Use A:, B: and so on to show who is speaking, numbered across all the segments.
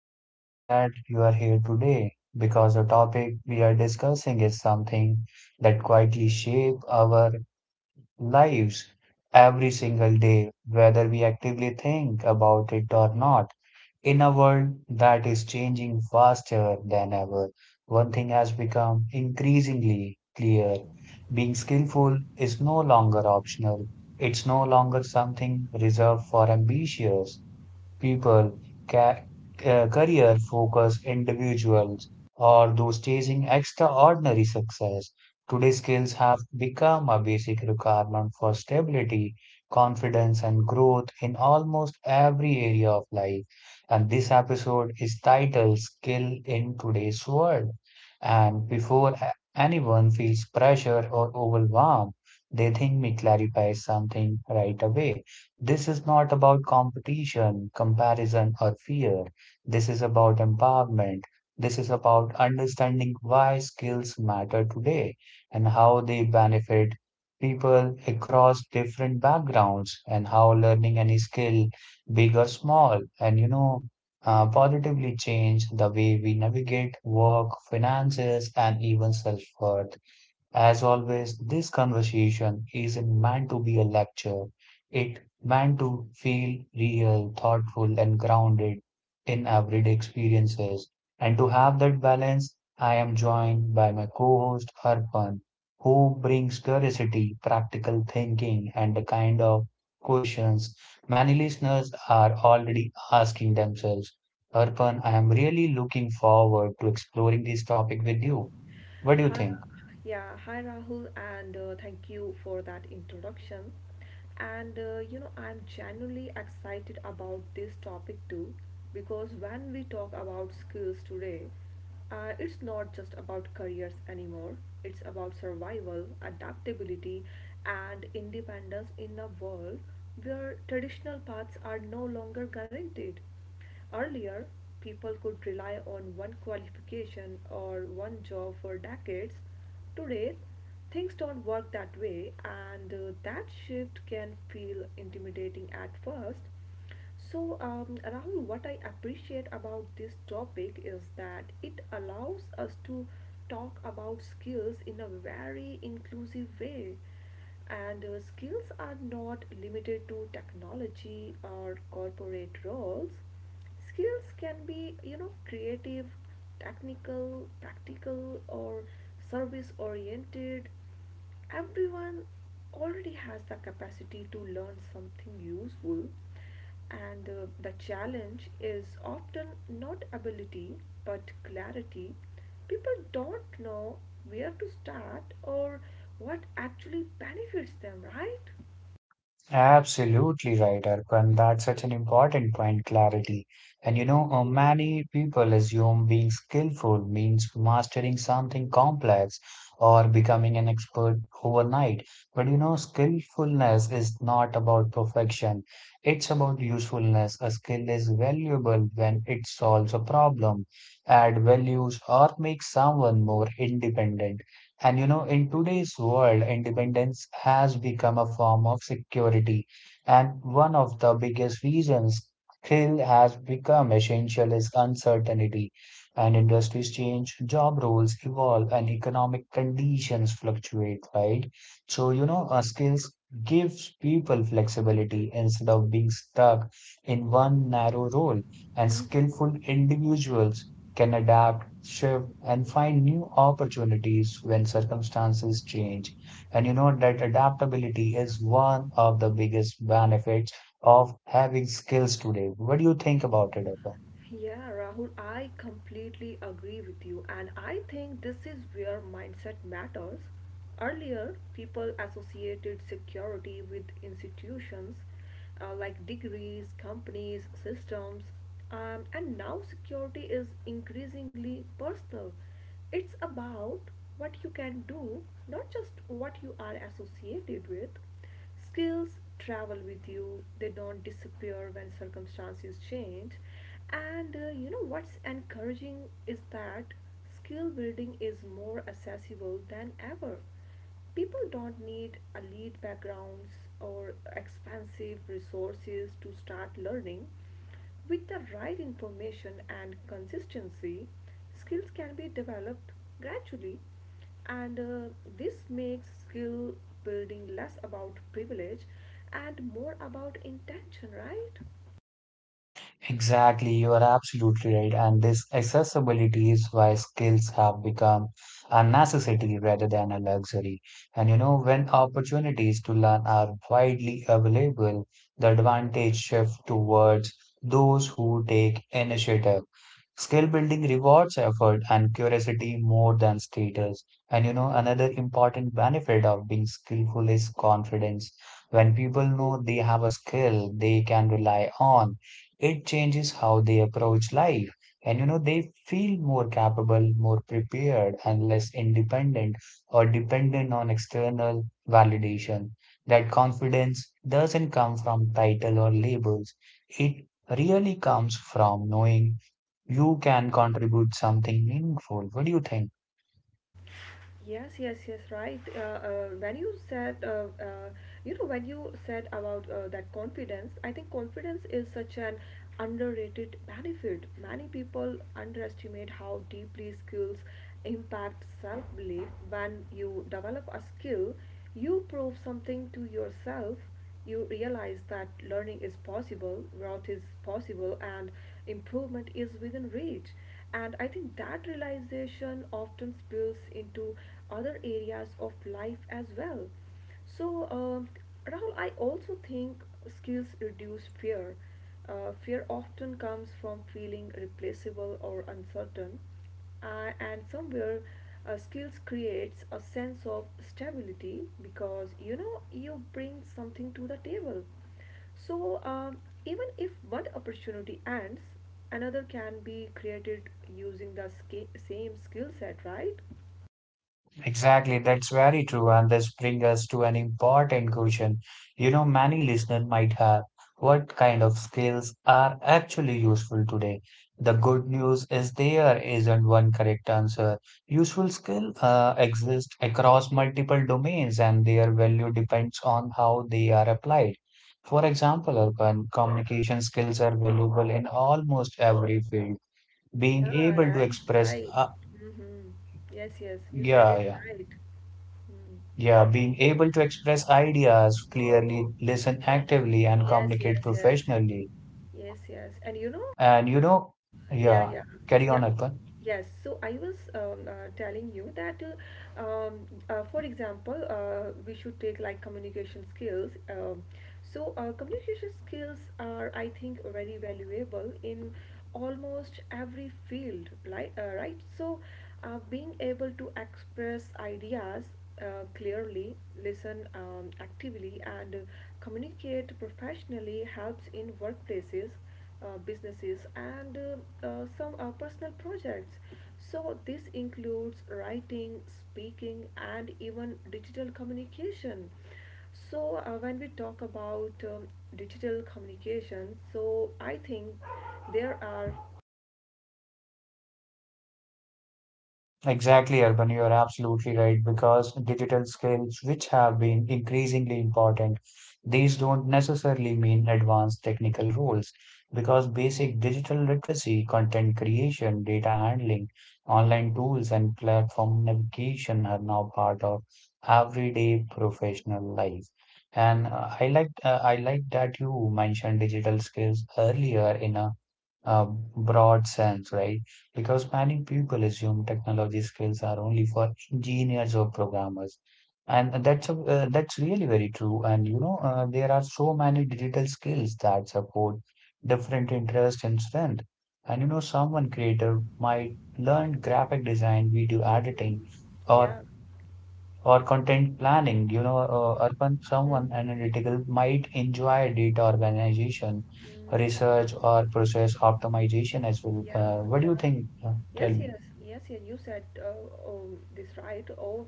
A: I'm really glad you are here today because the topic we are discussing is something that quietly shape our lives every single day, whether we actively think about it or not. In a world that is changing faster than ever, one thing has become increasingly clear. Being skillful is no longer optional. It's no longer something reserved for ambitious people, ca career-focused individuals, or those chasing extraordinary success. Today's skills have become a basic requirement for stability, confidence, and growth in almost every area of life. And this episode is titled Skill in Today's World. And before anyone feels pressure or overwhelmed, they think me clarify something right away. This is not about competition, comparison, or fear. This is about empowerment. This is about understanding why skills matter today and how they benefit people across different backgrounds and how learning any skill, big or small, positively change the way we navigate work, finances, and even self-worth. As always, this conversation isn't meant to be a lecture. It meant to feel real, thoughtful, and grounded in everyday experiences. And to have that balance, I am joined by my co-host Arpan, who brings curiosity, practical thinking, and the kind of questions many listeners are already asking themselves. Arpan, I am really looking forward to exploring this topic with you. What do you
B: Hi,
A: think?
B: yeah, hi Rahul, and thank you for that introduction. I'm genuinely excited about this topic too, because when we talk about skills today, it's not just about careers anymore. It's about survival, adaptability, and independence in a world where traditional paths are no longer guaranteed. Earlier, people could rely on one qualification or one job for decades. Today, things don't work that way, and that shift can feel intimidating at first. Rahul, what I appreciate about this topic is that it allows us to talk about skills in a very inclusive way. And skills are not limited to technology or corporate roles. Skills can be, you know, creative, technical, tactical, or service oriented. Everyone already has the capacity to learn something useful, and the challenge is often not ability but clarity. People don't know where to start or what actually benefits them, right?
A: Absolutely right, Arpan. That's such an important point, clarity. Many people assume being skillful means mastering something complex or becoming an expert overnight. Skillfulness is not about perfection, it's about usefulness. A skill is valuable when it solves a problem, adds values, or makes someone more independent. And you know, in today's world, independence has become a form of security. And one of the biggest reasons skill has become essential is uncertainty. And industries change, job roles evolve, and economic conditions fluctuate, right? Skills gives people flexibility instead of being stuck in one narrow role. And skillful individuals can adapt, shift, and find new opportunities when circumstances change. And you know that adaptability is one of the biggest benefits of having skills today. What do you think about it, Arpan?
B: Yeah, Rahul, I completely agree with you, and I think this is where mindset matters. Earlier, people associated security with institutions, like degrees, companies, systems, and now security is increasingly personal. It's about what you can do, not just what you are associated with. Skills travel with you, they don't disappear when circumstances change. And you know what's encouraging is that skill building is more accessible than ever. People don't need elite backgrounds or expensive resources to start learning. With the right information and consistency, skills can be developed gradually, and this makes skill building less about privilege and more about intention, right?
A: Exactly, you are absolutely right. And this accessibility is why skills have become a necessity rather than a luxury. And you know, when opportunities to learn are widely available, the advantage shifts towards those who take initiative. Skill building rewards effort and curiosity more than status. And you know, another important benefit of being skillful is confidence. When people know they have a skill they can rely on, it changes how they approach life, and you know they feel more capable, more prepared, and less independent or dependent on external validation. That confidence doesn't come from title or labels, it really comes from knowing you can contribute something meaningful. What do you think?
B: Yes, yes, yes, right. When you said, you know, When you said about that confidence, I think confidence is such an underrated benefit. Many people underestimate how deeply skills impact self belief. When you develop a skill, you prove something to yourself. You realize that learning is possible, growth is possible, and improvement is within reach. And I think that realization often spills into other areas of life as well. So, Rahul, I also think skills reduce fear. Fear often comes from feeling replaceable or uncertain, and somewhere skills creates a sense of stability because you know you bring something to the table. So, even if one opportunity ends, another can be created using the same skill set, right?
A: Exactly, that's very true. And this brings us to an important question. You know, many listeners might have: what kind of skills are actually useful today? The good news is there isn't one correct answer. Useful skill exist across multiple domains and their value depends on how they are applied. For example, urban communication skills are valuable in almost every field.
B: Yeah,
A: Being able to
B: right,
A: express,
B: right. Mm-hmm. Yes, yes, you said
A: yeah,
B: it
A: yeah.
B: right. Mm.
A: Yeah, being able to express ideas clearly, listen actively, and
B: Yes,
A: communicate
B: yes, yes.
A: professionally.
B: Yes, yes. And you know,
A: And you know,
B: yeah,
A: yeah,
B: yeah,
A: carry
B: yeah.
A: on, Arpan.
B: Yes, so I was telling you that for example, we should take like communication skills. So, communication skills are, I think, very valuable in almost every field, right? So, being able to express ideas clearly, listen actively, and communicate professionally helps in workplaces, businesses, and some personal projects. So, this includes writing, speaking, and even digital communication. So, when we talk about digital communication, so I think there are.
A: Exactly, Urban, you are absolutely right because digital skills, which have been increasingly important, these don't necessarily mean advanced technical roles because basic digital literacy, content creation, data handling, online tools, and platform navigation are now part of everyday professional life. And I like that you mentioned digital skills earlier in a uh, broad sense, right? Because many people assume technology skills are only for engineers or programmers, and that's really very true. And you know There are so many digital skills that support different interests and strength, and you know someone creator might learn graphic design, video editing,
B: Mhm.
A: or
B: Yeah.
A: for content planning. You know, Arpan, someone
B: Hmm.
A: analytical might enjoy data organization, research, or process optimization as well.
B: Yeah,
A: What do you
B: yeah.
A: think? Tell
B: Yes,
A: me.
B: yes, yes, yeah. You said oh, this right. Oh,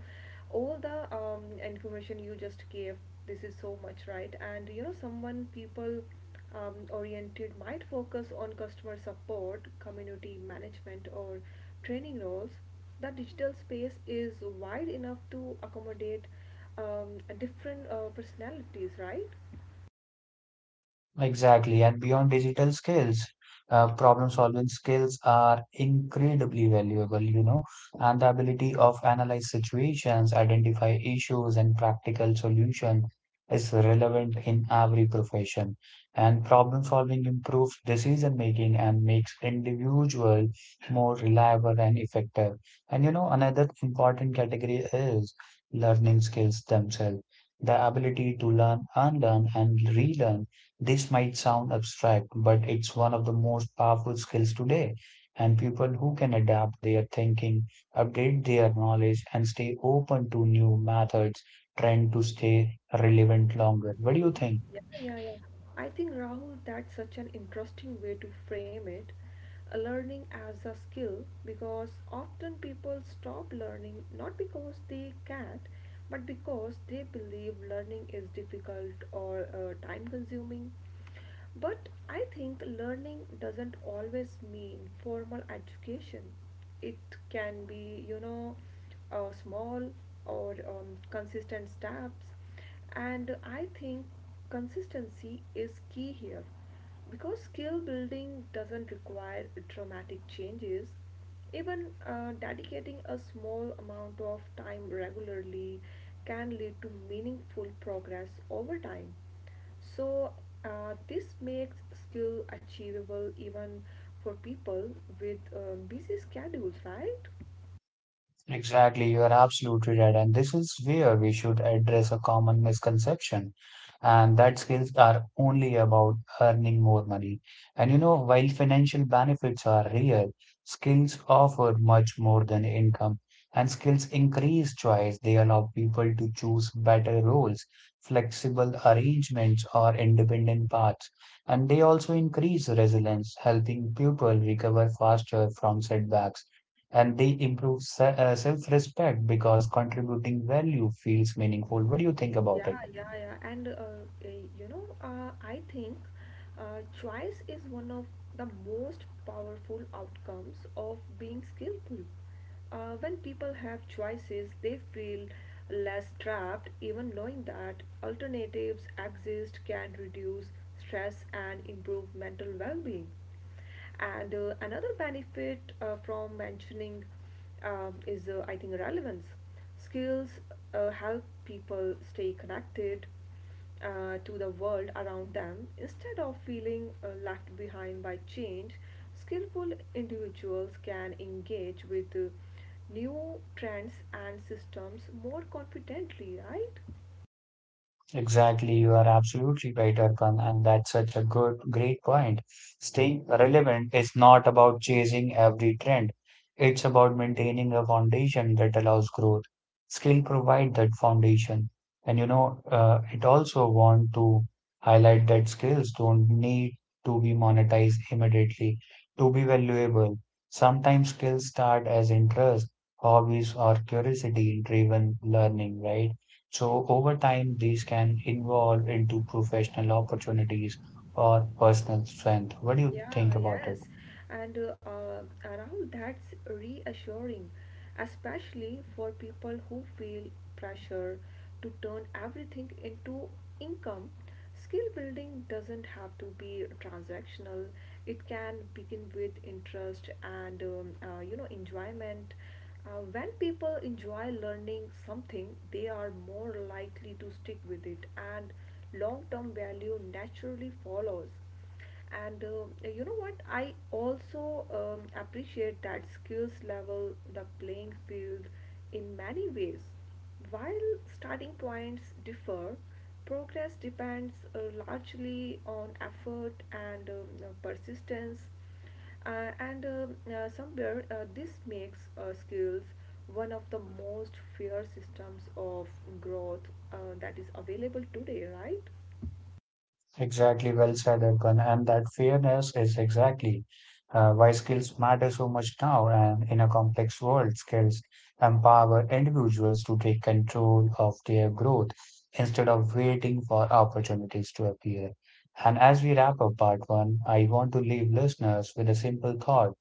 B: all the information you just gave, this is so much, right? And you know, someone people oriented might focus on customer support, community management, or training roles. The digital space is wide enough to accommodate different personalities, right?
A: Exactly. And beyond digital skills, problem solving skills are incredibly valuable, you know, and the ability of analyze situations, identify issues and practical solution is relevant in every profession. And problem solving improves decision making and makes individual more reliable and effective. And you know, another important category is learning skills themselves. The ability to learn, unlearn, and relearn, this might sound abstract, but it's one of the most powerful skills today. And people who can adapt their thinking, update their knowledge, and stay open to new methods tend to stay relevant longer. What do you
B: Mhm.
A: think?
B: Yeah, yeah, yeah. I think Rahul, that's such an interesting way to frame it. A learning as a skill because often people stop learning not because they can't, but because they believe learning is difficult or time consuming. But I think learning doesn't always mean formal education. It can be, you know, small or consistent steps. And I think consistency is key here because skill building doesn't require dramatic changes. Even dedicating a small amount of time regularly can lead to meaningful progress over time. So, this makes skill achievable even for people with busy schedules, right?
A: Exactly, you are absolutely right. And this is where we should address a common misconception, and that skills are only about earning more money. And you know, while financial benefits are real, skills offer much more than income, and skills increase choice. They allow people to choose better roles, flexible arrangements, or independent paths. And they also increase resilience, helping people recover faster from setbacks, and they improve self-respect because contributing value feels meaningful. What do you think about it?
B: Yeah, yeah, yeah. And I think choice is one of the most powerful outcomes of being skillful. When people have choices, they feel less trapped. Even knowing that alternatives exist can reduce stress and improve mental well being. And another benefit from mentioning is, I think, relevance. Skills help people stay connected to the world around them instead of feeling left behind by change. Skillful individuals can engage with new trends and systems more confidently, right?
A: Exactly, you are absolutely right, Arkan, and that's such a great point. Staying relevant is not about chasing every trend. It's about maintaining a foundation that allows growth. Skill provide that foundation. It also want to highlight that skills don't need to be monetized immediately to be valuable. Sometimes skills start as interest, hobbies, or curiosity-driven learning, right? So over time, these can evolve into professional opportunities or personal strength. What do you think
B: Yeah,
A: about it?
B: yes. And around that's reassuring, especially for people who feel pressure to turn everything into income. Skill building doesn't have to be transactional. It can begin with interest and you know, enjoyment. When people enjoy learning something, they are more likely to stick with it, and long-term value naturally follows. And you know what, I also appreciate that skills level the playing field in many ways. While starting points differ, progress depends largely on effort and persistence. Uh, and um, uh, somewhere uh, this makes skills one of the most fair systems of growth that is available today, right?
A: Exactly, well said, Erkan. And that fairness is exactly why skills matter so much now. And in a complex world, skills empower individuals to take control of their growth instead of waiting for opportunities to appear. And as we wrap up part one, I want to leave listeners with a simple thought.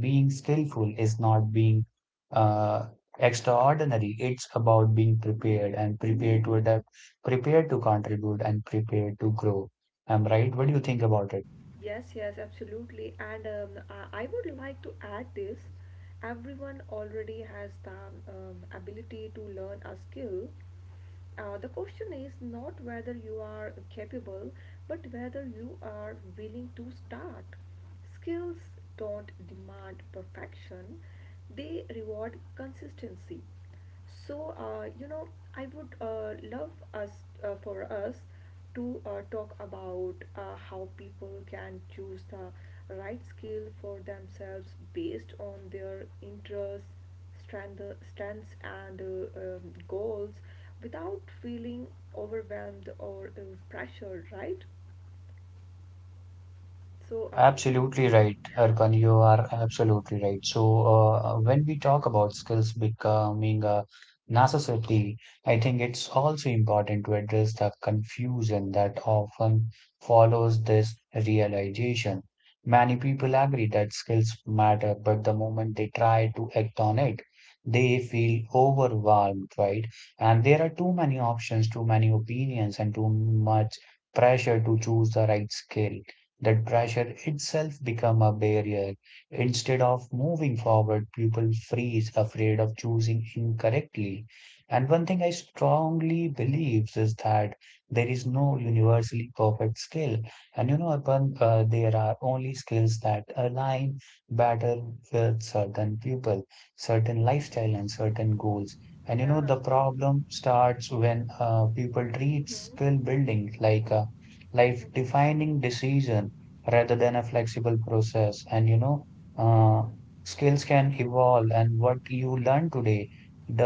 A: Being skillful is not being uh, extraordinary. It's about being prepared, and prepared to adapt, prepared to contribute, and prepared to grow. I'm right. What do you think about it?
B: Yes, yes, absolutely. And um, I would like to add this. Everyone already has the ability to learn a skill. The question is not whether you are capable, but whether you are willing to start. Skills don't demand perfection, they reward consistency. So, you know, I would love us for us to talk about how people can choose the right skill for themselves based on their interests, strength, strengths, and goals without feeling overwhelmed or pressured, right? So, um,
A: Absolutely right, Arkan. You are absolutely right. When we talk about skills becoming a necessity, I think it's also important to address the confusion that often follows this realization. Many people agree that skills matter, but the moment they try to act on it, they feel overwhelmed, right? And there are too many options, too many opinions, and too much pressure to choose the right skill. That pressure itself become a barrier. Instead of moving forward, people freeze, afraid of choosing incorrectly. And one thing I strongly believe is that there is no universally perfect skill. And you know, upon There are only skills that align better with certain people, certain
B: mm,
A: lifestyle, and certain goals. And you know,
B: yeah.
A: the problem starts when people treat
B: Hmm.
A: skill building like a life defining decision rather than a flexible process. Uh, Skills can evolve, and what you learn today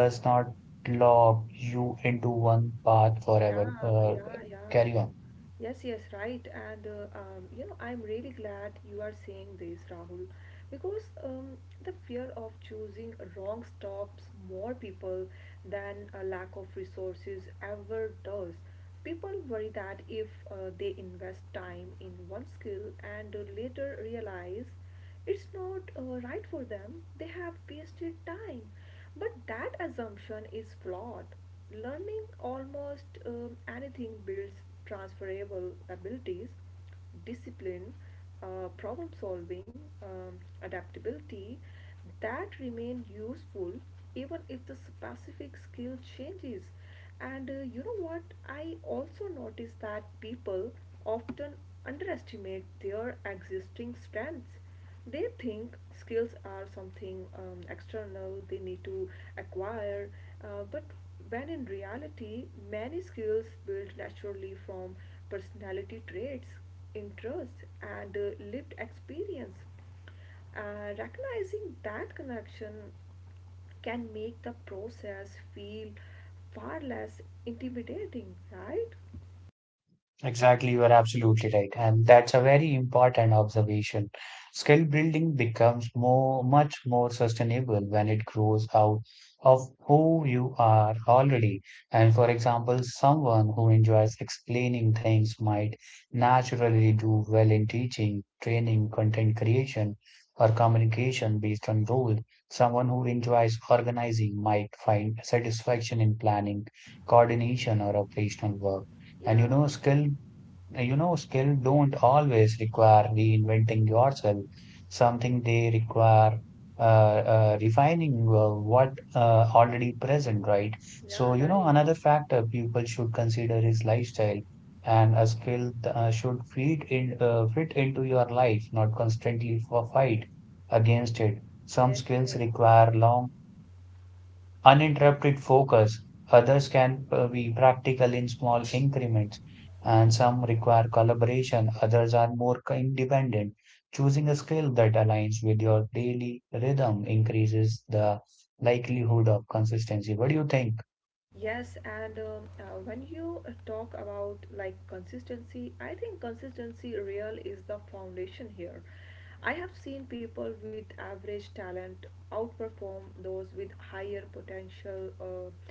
B: Hmm.
A: not lock you into one path forever.
B: Yeah, yeah, yeah.
A: Carry on.
B: Yes, yes, right. And you know, I'm really glad you are saying this, Rahul, because the fear of choosing wrong stops more people than a lack of resources ever does. People worry that if they invest time in one skill and later realize it's not right for them, they have wasted time. But that assumption is flawed. Learning almost anything builds transferable abilities, discipline, problem solving, adaptability that remain useful even if the specific skill changes. And you know what? I also notice that people often underestimate their existing strengths. They think skills are something external they need to acquire, but when in reality, many skills built naturally from personality traits, interests, and lived experience. Recognizing that connection can make the process feel far less intimidating, right?
A: Exactly, you are absolutely right. And that's a very important observation. Skill building becomes much more sustainable when it grows out of who you are already. And for example, someone who enjoys explaining things might naturally do well in teaching, training, content creation, or communication based on role. Someone who enjoys organizing might find satisfaction in planning, coordination, or operational work. And you
B: Yeah,
A: know, skill don't always require reinventing yourself.
B: mm,
A: Something they require refining what already present, right?
B: yeah,
A: So, you know,
B: right.
A: another factor people should consider is lifestyle, and a skill should fit in fit into your life, not constantly for fight against it. Some
B: Yes,
A: skills
B: yes.
A: require long uninterrupted focus. Others
B: Hmm.
A: can be practical in small increments, and some require collaboration. Others are more independent. Choosing a skill that aligns with your daily rhythm increases the likelihood of consistency. What do you think?
B: Yes, and when you talk about like consistency, I think consistency real is the foundation here. I have seen people with average talent outperform those with higher potential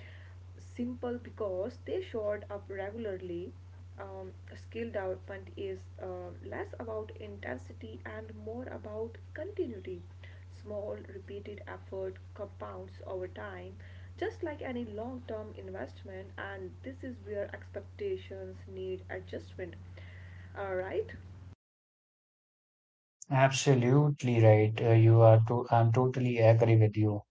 B: simple because they showed up regularly. Skill development is less about intensity and more about continuity. Small, repeated effort compounds over time, just like any long term investment, and this is where expectations need adjustment. All right.
A: Absolutely right. You are to, I'm totally agree with you.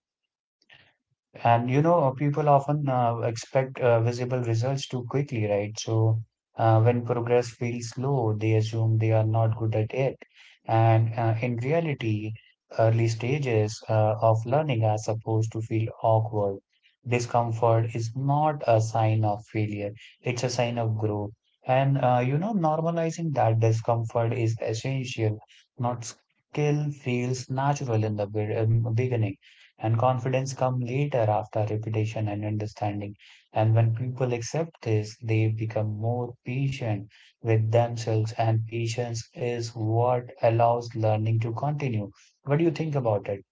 A: And you know, people often expect visible results too quickly, right? So when progress feels slow, they assume they are not good at it. And in reality, early stages of learning are supposed to feel awkward. Discomfort is not a sign of failure, it's a sign of growth. And You know, normalizing that discomfort is essential, not skill feels natural in the beginning. And confidence come later after repetition and understanding. And when people accept this, they become more patient with themselves. And patience is what allows learning to continue. What do you think about it?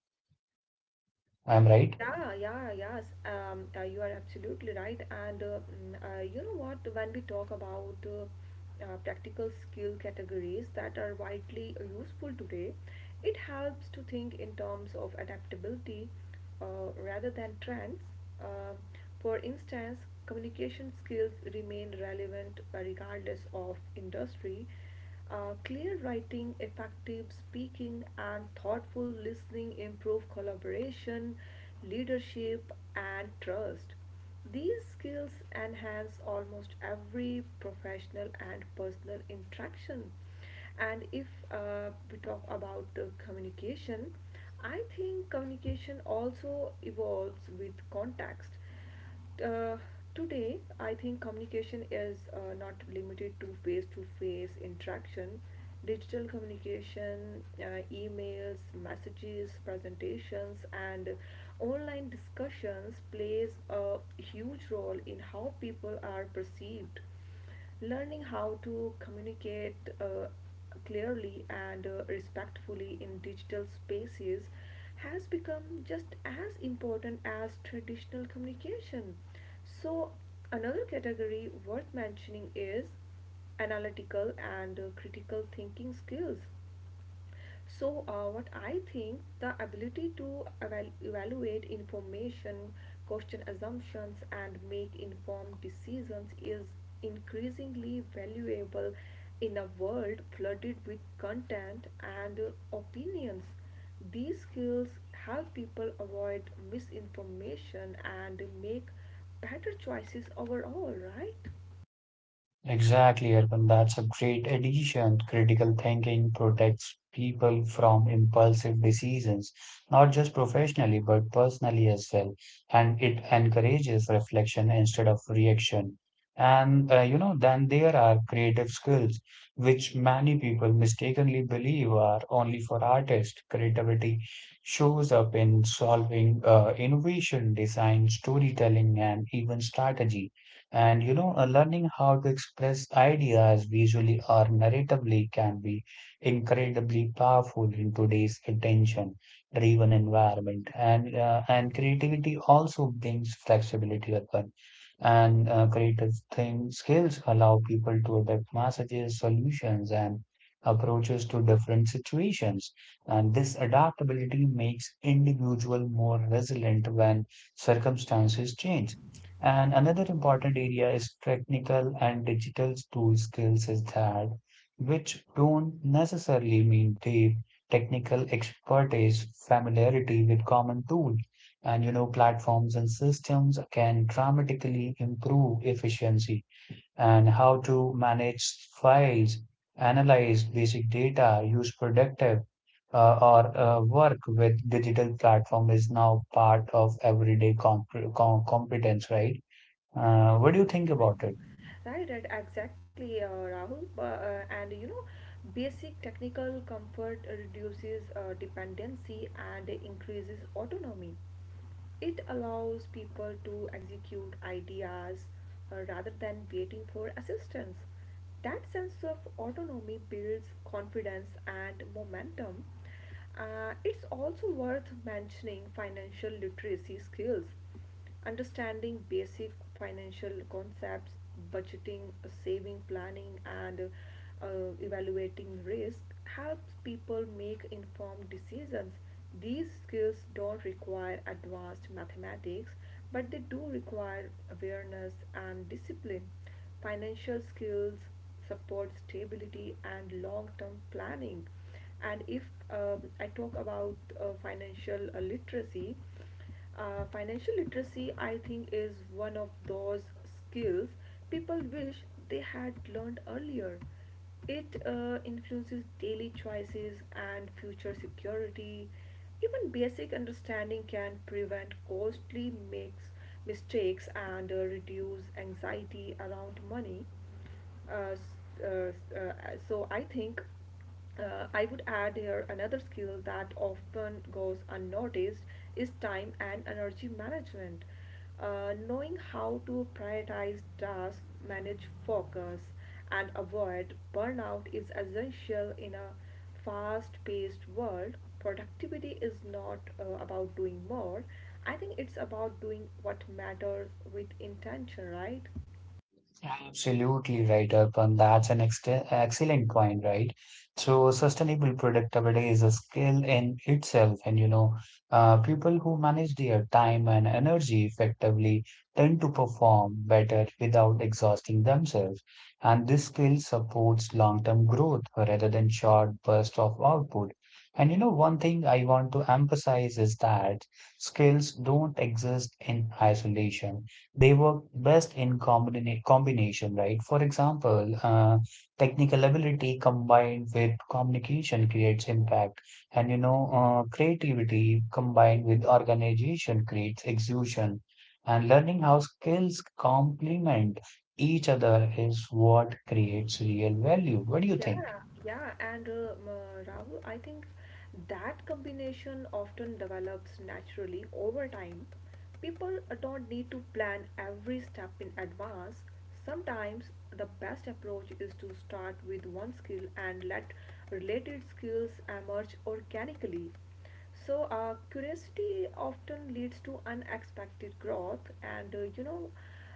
A: I'm right.
B: Yeah, yeah, yes. You are absolutely right. And you know what? When we talk about practical skill categories that are widely useful today, it helps to think in terms of adaptability rather than trends. Uh, for instance, communication skills remain relevant regardless of industry. Clear writing, effective speaking, and thoughtful listening improve collaboration, leadership, and trust. These skills enhance almost every professional and personal interaction. And if we talk about communication, I think communication also evolves with context. uh, Today, I think communication is not limited to face interaction. Digital communication, emails, messages, presentations, and online discussions plays a huge role in how people are perceived. Learning how to communicate clearly and respectfully in digital spaces has become just as important as traditional communication. So, another category worth mentioning is analytical and critical thinking skills. So, what I think, the ability to evaluate information, question assumptions, and make informed decisions is increasingly valuable in a world flooded with content and opinions. These skills help people avoid misinformation and make better choices overall, right?
A: Exactly, Arpan. That's a great addition. Critical thinking protects people from impulsive decisions, not just professionally, but personally as well. And it encourages reflection instead of reaction. Then there are creative skills, which many people mistakenly believe are only for artists. Creativity shows up in solving, innovation, design, storytelling, and even strategy. Learning how to express ideas visually or narratively can be incredibly powerful in today's attention-driven environment. And creativity also brings flexibility upon. And Creative thing skills allow people to adapt messages, solutions, and approaches to different situations. And this adaptability makes individual more resilient when circumstances change. And another important area is technical and digital tool skills is that which don't necessarily mean deep technical expertise, familiarity with common tools and, you know, platforms and systems can dramatically improve efficiency and how to manage files, analyze basic data, use productive or work with digital platform is now part of everyday competence, right? What do you think about it?
B: Right, right, exactly, Rahul. And you know, basic technical comfort reduces dependency and increases autonomy. It allows people to execute ideas rather than waiting for assistance. That sense of autonomy builds confidence and momentum. It's also worth mentioning financial literacy skills, understanding basic financial concepts, budgeting, saving, planning, and uh, evaluating risk helps people make informed decisions. These skills don't require advanced mathematics, but they do require awareness and discipline. Financial skills support stability and long-term planning. And if I talk about financial literacy financial literacy, I think, is one of those skills people wish they had learned earlier. It influences daily choices and future security. Even basic understanding can prevent costly makes mistakes and reduce anxiety around money. Uh, so I think I would add here another skill that often goes unnoticed is time and energy management. Knowing how to prioritize tasks, manage focus, and avoid burnout is essential in a fast paced world. Productivity is not about doing more, I think it's about doing what matters with intention, right?
A: Absolutely right, Arpan. That's an ex excellent point, right? So sustainable productivity is a skill in itself, and people who manage their time and energy effectively tend to perform better without exhausting themselves. And this skill supports long-term growth rather than short bursts of output. And you know, one thing I want to emphasize is that skills don't exist in isolation, they work best in combination, right? For example, technical ability combined with communication creates impact, and creativity combined with organization creates execution, and learning how skills complement each other is what creates real value. What do you think?
B: Yeah, yeah, and Rahul, I think that combination often develops naturally over time. People don't need to plan every step in advance. Sometimes the best approach is to start with one skill and let related skills emerge organically. So, curiosity often leads to unexpected growth, and uh, you know,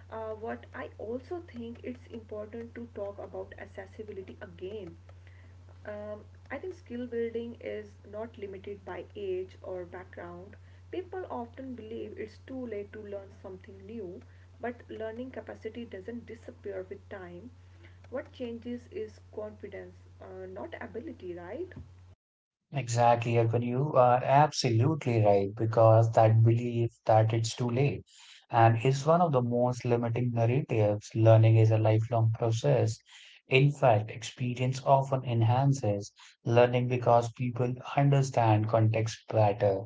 B: uh, what I also think it's important to talk about accessibility again. Um, I think skill building is not limited by age or background. People often believe it's too late to learn something new, but learning capacity doesn't disappear with time. What changes is confidence, not ability, right?
A: Exactly, Arpan. You are absolutely right because that belief that it's too late and is one of the most limiting narratives. Learning is a lifelong process. In fact, experience often enhances learning because people understand context better.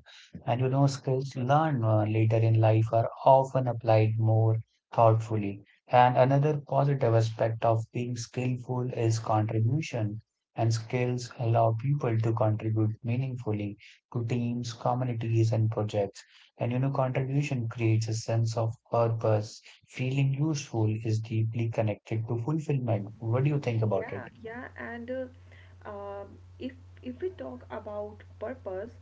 A: And you know, skills learned later in life are often applied more thoughtfully. And another positive aspect of being skillful is contribution and skills allow people to contribute meaningfully to teams, communities, and projects. And you know, contribution creates a sense of purpose. Feeling useful is deeply connected to fulfillment. What do you think about it?
B: Yeah, yeah, and if we talk about purpose,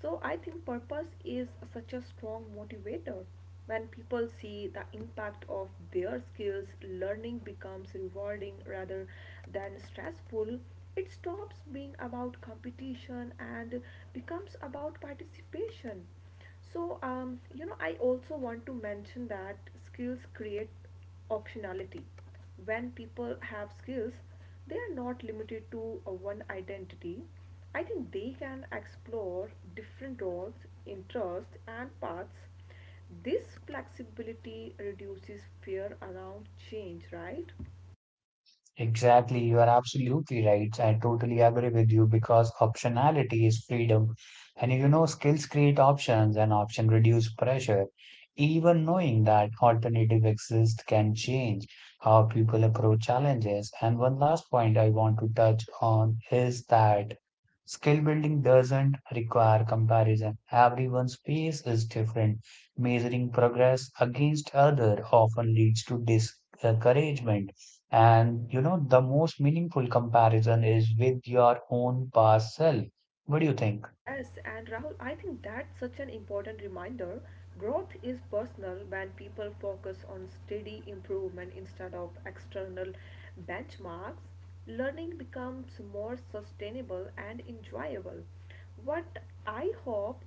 B: so I think purpose is such a strong motivator. When people see the impact of their skills, learning becomes rewarding rather than stressful. It stops being about competition and becomes about participation. So, I also want to mention that skills create optionality. When people have skills, they are not limited to one identity. I think they can explore different roles, interests, and paths. This flexibility reduces fear around change, right?
A: Exactly, you are absolutely right. I totally agree with you because optionality is freedom. And you know, skills create options and option reduce pressure. Even knowing that alternative exist can change how people approach challenges. And one last point I want to touch on is that skill building doesn't require comparison. Everyone's pace is different. Measuring progress against other often leads to discouragement and, you know, the most meaningful comparison is with your own past self. What do you think?
B: Yes, and Rahul, I think that's such an important reminder. Growth is personal when people focus on steady improvement instead of external benchmarks. Learning becomes more sustainable and enjoyable. What I hope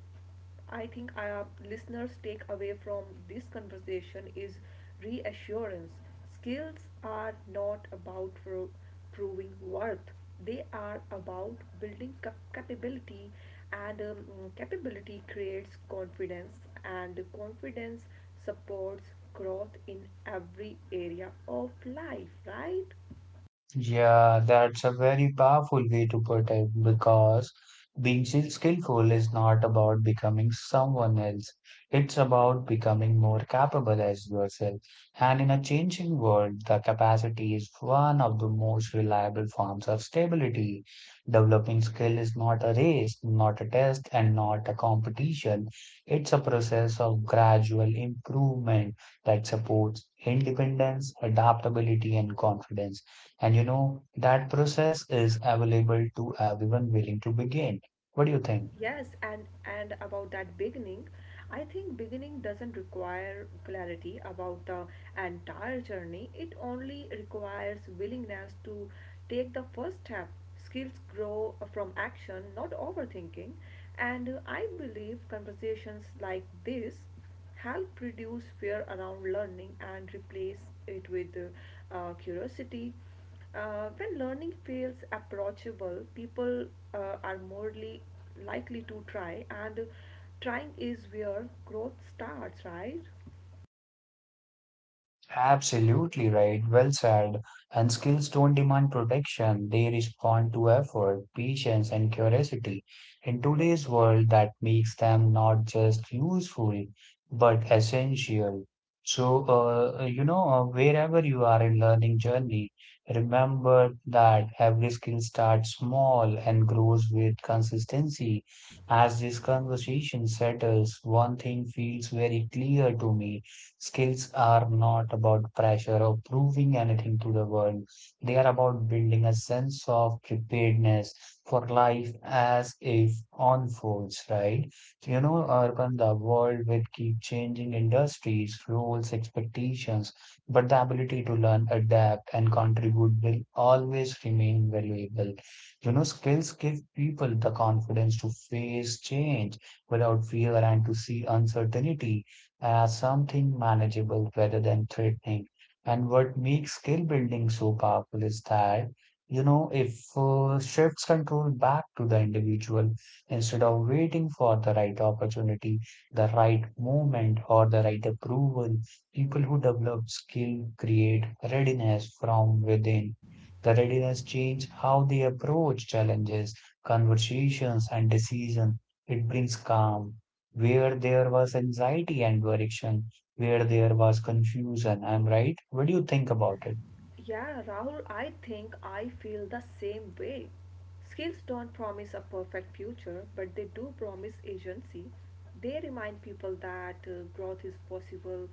B: I think our listeners take away from this conversation is reassurance. Skills are not about proving worth. They are about building capability and capability creates confidence and confidence supports growth in every area of life, right?
A: Yeah, that's a very powerful way to put it because being skillful is not about becoming someone else. It's about becoming more capable as yourself. And in a changing world, the capacity is one of the most reliable forms of stability. Developing skill is not a race, not a test, and not a competition. It's a process of gradual improvement that supports independence, adaptability, and confidence. And you know, that process is available to everyone willing to begin. What do you think?
B: Yes, and about that beginning, I think beginning doesn't require clarity about the entire journey. It only requires willingness to take the first step. Skills grow from action, not overthinking. And I believe conversations like this help reduce fear around learning and replace it with curiosity. When learning feels approachable, people are likely to try, and trying is where growth starts, right?
A: Absolutely right, well said. And skills don't demand protection, they respond to effort, patience, and curiosity. In today's world, that makes them not just useful, but essential. So, you know, wherever you are in learning journey, remember that every skill starts small and grows with consistency. As this conversation settles, one thing feels very clear to me. Skills are not about pressure or proving anything to the world. They are about building a sense of preparedness for life as it unfolds, right? Urban, the world will keep changing industries, roles, expectations, but the ability to learn, adapt, and contribute will always remain valuable. You know, skills give people the confidence to face change without fear and to see uncertainty as something manageable rather than threatening. And what makes skill building so powerful is that, you know, if shifts control back to the individual instead of waiting for the right opportunity, the right moment, or the right approval, people who develop skill create readiness from within. The readiness change how they approach challenges, conversations, and decisions. It brings calm where there was anxiety and direction, where there was confusion. I'm right. What do you think about it?
B: Yeah, Rahul, I think I feel the same way. Skills don't promise a perfect future, but they do promise agency. They remind people that growth is possible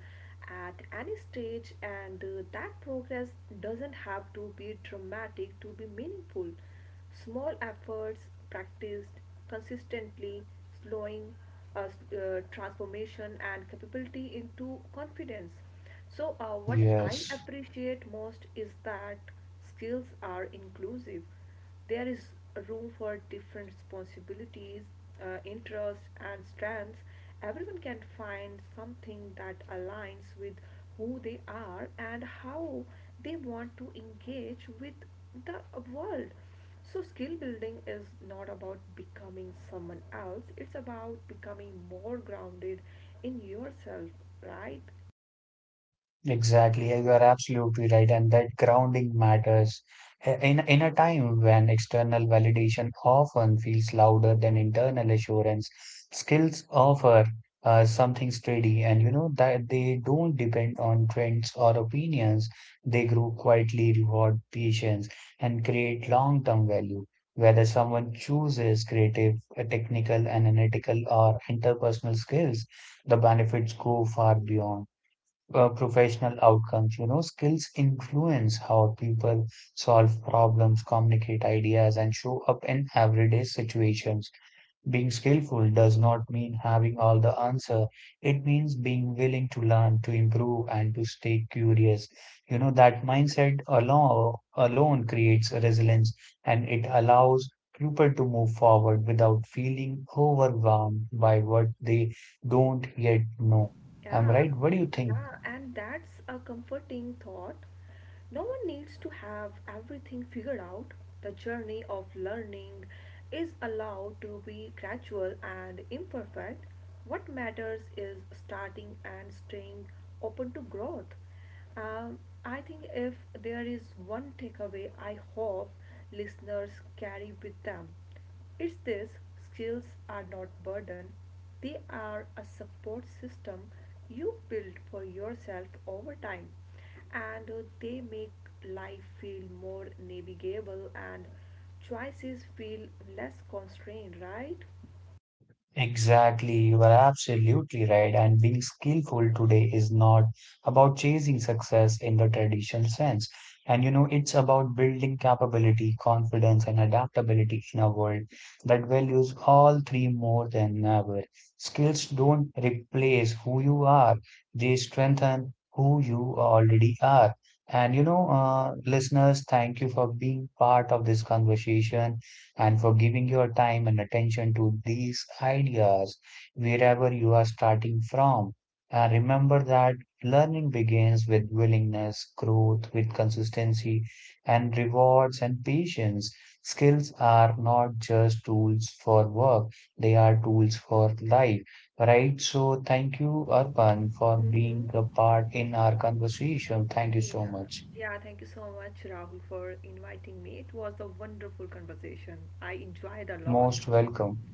B: at any stage and that progress doesn't have to be dramatic to be meaningful. Small efforts practiced consistently, slowing transformation and capability into confidence. So, what I
A: Yes.
B: appreciate most is that skills are inclusive. There is room for different responsibilities, interests, and strengths. Everyone can find something that aligns with who they are and how they want to engage with the world. So, skill building is not about becoming someone else, it's about becoming more grounded in yourself, right?
A: Exactly, you are absolutely right, and that grounding matters. In a time when external validation often feels louder than internal assurance, skills offer something steady, and you know that they don't depend on trends or opinions. They grow quietly, reward patience, and create long-term value. Whether someone chooses creative, technical, analytical, or interpersonal skills, the benefits go far beyond professional outcomes. You know, skills influence how people solve problems, communicate ideas, and show up in everyday situations. Being skillful does not mean having all the answer. It means being willing to learn, to improve, and to stay curious. You know, that mindset alone creates resilience and it allows people to move forward without feeling overwhelmed by what they don't yet know. I'm
B: Yeah,
A: right. What do you think?
B: yeah, and that's a comforting thought. No one needs to have everything figured out. The journey of learning is allowed to be gradual and imperfect. What matters is starting and staying open to growth. Um, I think if there is one takeaway I hope listeners carry with them, it's this: skills are not burden, they are a support system you build for yourself over time and they make life feel more navigable and choices feel less constrained, right?
A: Exactly, you are absolutely right. And being skillful today is not about chasing success in the traditional sense. And you know, it's about building capability, confidence, and adaptability in a world that values all three more than ever. Skills don't replace who you are, they strengthen who you already are. Listeners, thank you for being part of this conversation and for giving your time and attention to these ideas wherever you are starting from. And remember that learning begins with willingness, growth with consistency, and rewards and patience. Skills are not just tools for work, they are tools for life, right? So, thank you, Arpan, for being
B: Mm-hmm.
A: a part in our conversation. Thank you so
B: Yeah.
A: much.
B: Yeah, thank you so much, Rahul, for inviting me. It was a wonderful conversation. I enjoyed a lot.
A: Most welcome.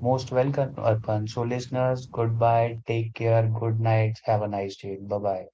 A: Most welcome, Arpan. So, listeners, goodbye, take care, good night, have a nice day. Bye bye.